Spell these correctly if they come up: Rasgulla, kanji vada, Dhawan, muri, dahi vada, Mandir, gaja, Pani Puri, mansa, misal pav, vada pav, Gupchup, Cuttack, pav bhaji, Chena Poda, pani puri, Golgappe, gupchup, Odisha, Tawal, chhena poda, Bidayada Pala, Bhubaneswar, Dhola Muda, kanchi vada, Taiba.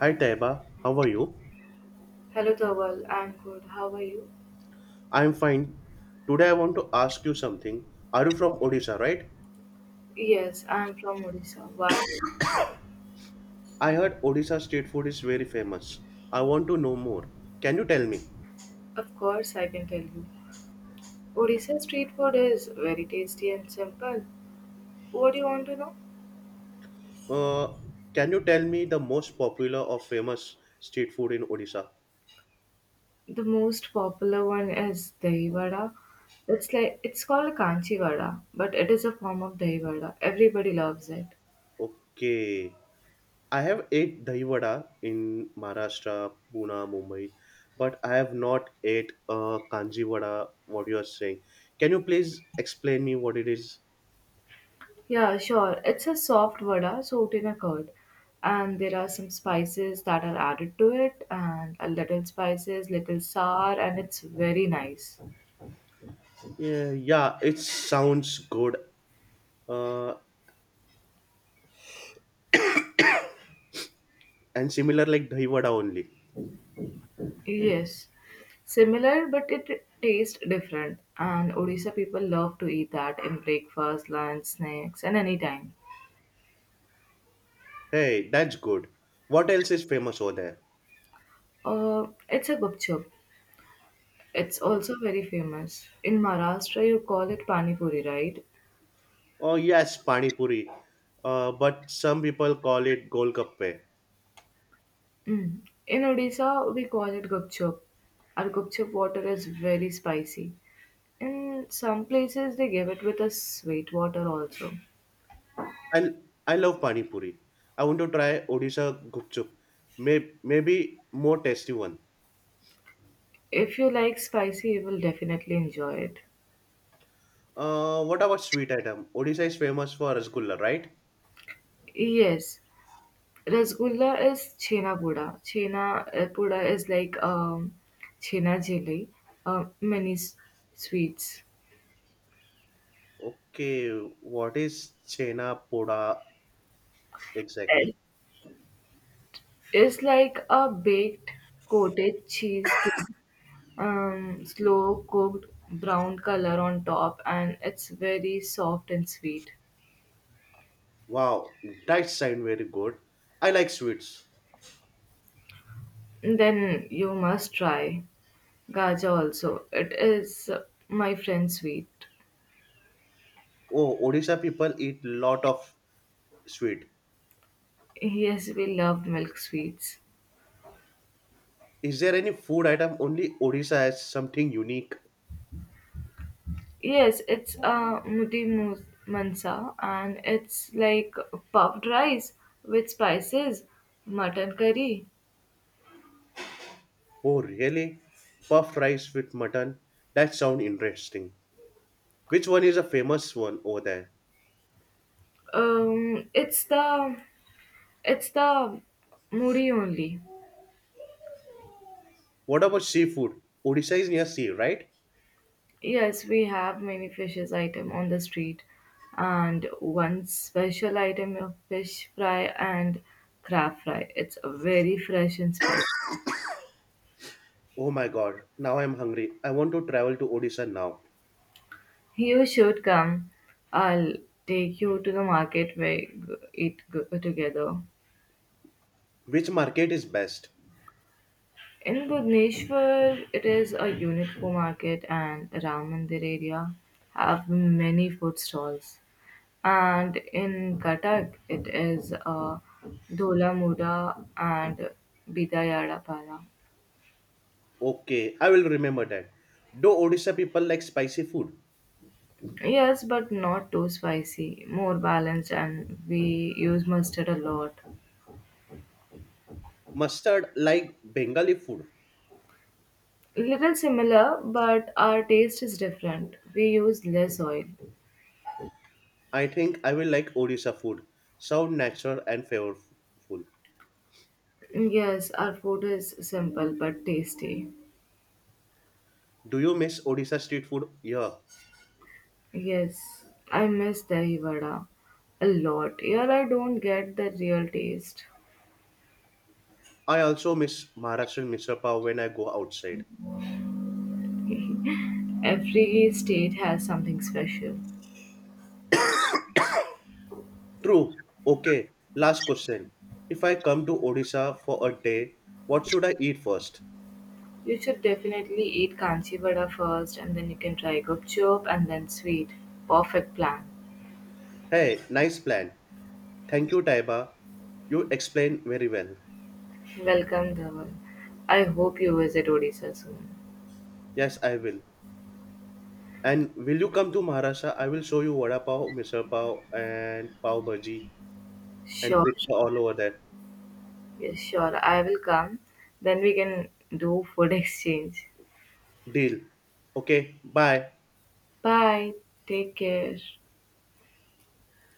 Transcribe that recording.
Hi Taiba, how are you? Hello Tawal, I'm good. How are you? I'm fine. Today I want to ask you something. Are you from Odisha, right? Yes, I'm from Odisha. Why? I heard Odisha street food is very famous. I want to know more. Can you tell me? Of course, I can tell you. Odisha street food is very tasty and simple. What do you want to know? Uh, can you tell me the most popular or famous street food in Odisha? The most popular one is dahi vada. It's like it's called kanchi vada, but it is a form of dahi vada. Everybody loves it. Okay. I have ate dahi vada in Maharashtra, Pune, Mumbai, but I have not ate kanji vada, what you are saying. Can you please explain me what it is? Yeah, sure. It's a soft vada soaked in a curd, and there are some spices that are added to it, and a little spices, little sour, and it's very nice. Yeah, yeah, it sounds good. Uh, and similar like Dahi Vada only. Yes, similar, but it tastes different. And Odisha people love to eat that in breakfast, lunch, snacks, and any time. Hey, that's good. What else is famous over there? It's a gupchup. It's Oh, also very famous. In Maharashtra, you call it pani puri, right? oh yes, Pani Puri. But some people call it Golgappe. Mm. In Odisha, we call it gupchup. Our gupchup water is very spicy. In some places, they give it with a sweet water also. I, I love Pani Puri. I want to try Odisha Gupchup. Maybe more tasty one. If you like spicy, you will definitely enjoy it. What about sweet item? Odisha is famous for Rasgulla, right? Yes, Rasgulla is chhena poda. Chhena poda is like chhena jelly, uh, mini s- sweets. Okay, what is Chena Poda exactly? It- It's like a baked coated cheesecake, slow cooked brown color on top, and it's very soft and sweet. Wow, that sound very good. I like sweets. Then you must try gaja also. It is uh, my friend's sweet. Oh, Odisha people eat lot of sweet. Yes, we love milk sweets. Is there any food item only Odisha has something unique? Yes, it's a mansa and it's like puffed rice with spices, mutton curry. Oh, really? Puffed rice with mutton? That sound interesting. Which one is a famous one over there? Um, it's the it's the muri only. What about seafood? Odisha is near sea, right? Yes, we have many fishes item on the street, and one special item of fish fry and crab fry. It's very fresh and spicy. Oh my god, now I'm hungry. I want to travel to Odisha now. You should come. I'll take you to the market where eat together. Which market is best? In Bhubaneswar, it is a unique market, and around Mandir area have many food stalls. And in Cuttack, it is a Dhola Muda and Bidayada Pala. Okay, I will remember that. Do Odisha people like spicy food? Yes, but not too spicy, more balanced, and we use mustard a lot. Mustard like Bengali food. Little similar, but our taste is different. We use less oil. I think I will like Odisha food. Sound natural and flavorful. Yes, our food is simple but tasty. Do you miss Odisha street food? Yeah. Yes, I miss Dahi Vada a lot. Here I don't get the real taste. I also miss Maharashtrian misal pav when I go outside. Every state has something special. True. Okay. Last question. If I come to Odisha for a day, what should I eat first? You should definitely eat Kanchi Vada first and then you can try Gupchup and then sweet. Perfect plan. Hey, nice plan. Thank you, Taiba. You explain very well. Welcome, Dhawan. I hope you visit Odisha soon. Yes, I will. And will you come to Maharashtra? I will show you vada pav, misal pav, and pav bhaji and Sure, pizza sure. all over that. Yes, sure. I will come. Then we can do food exchange. Deal. Okay, bye. Bye. Take care.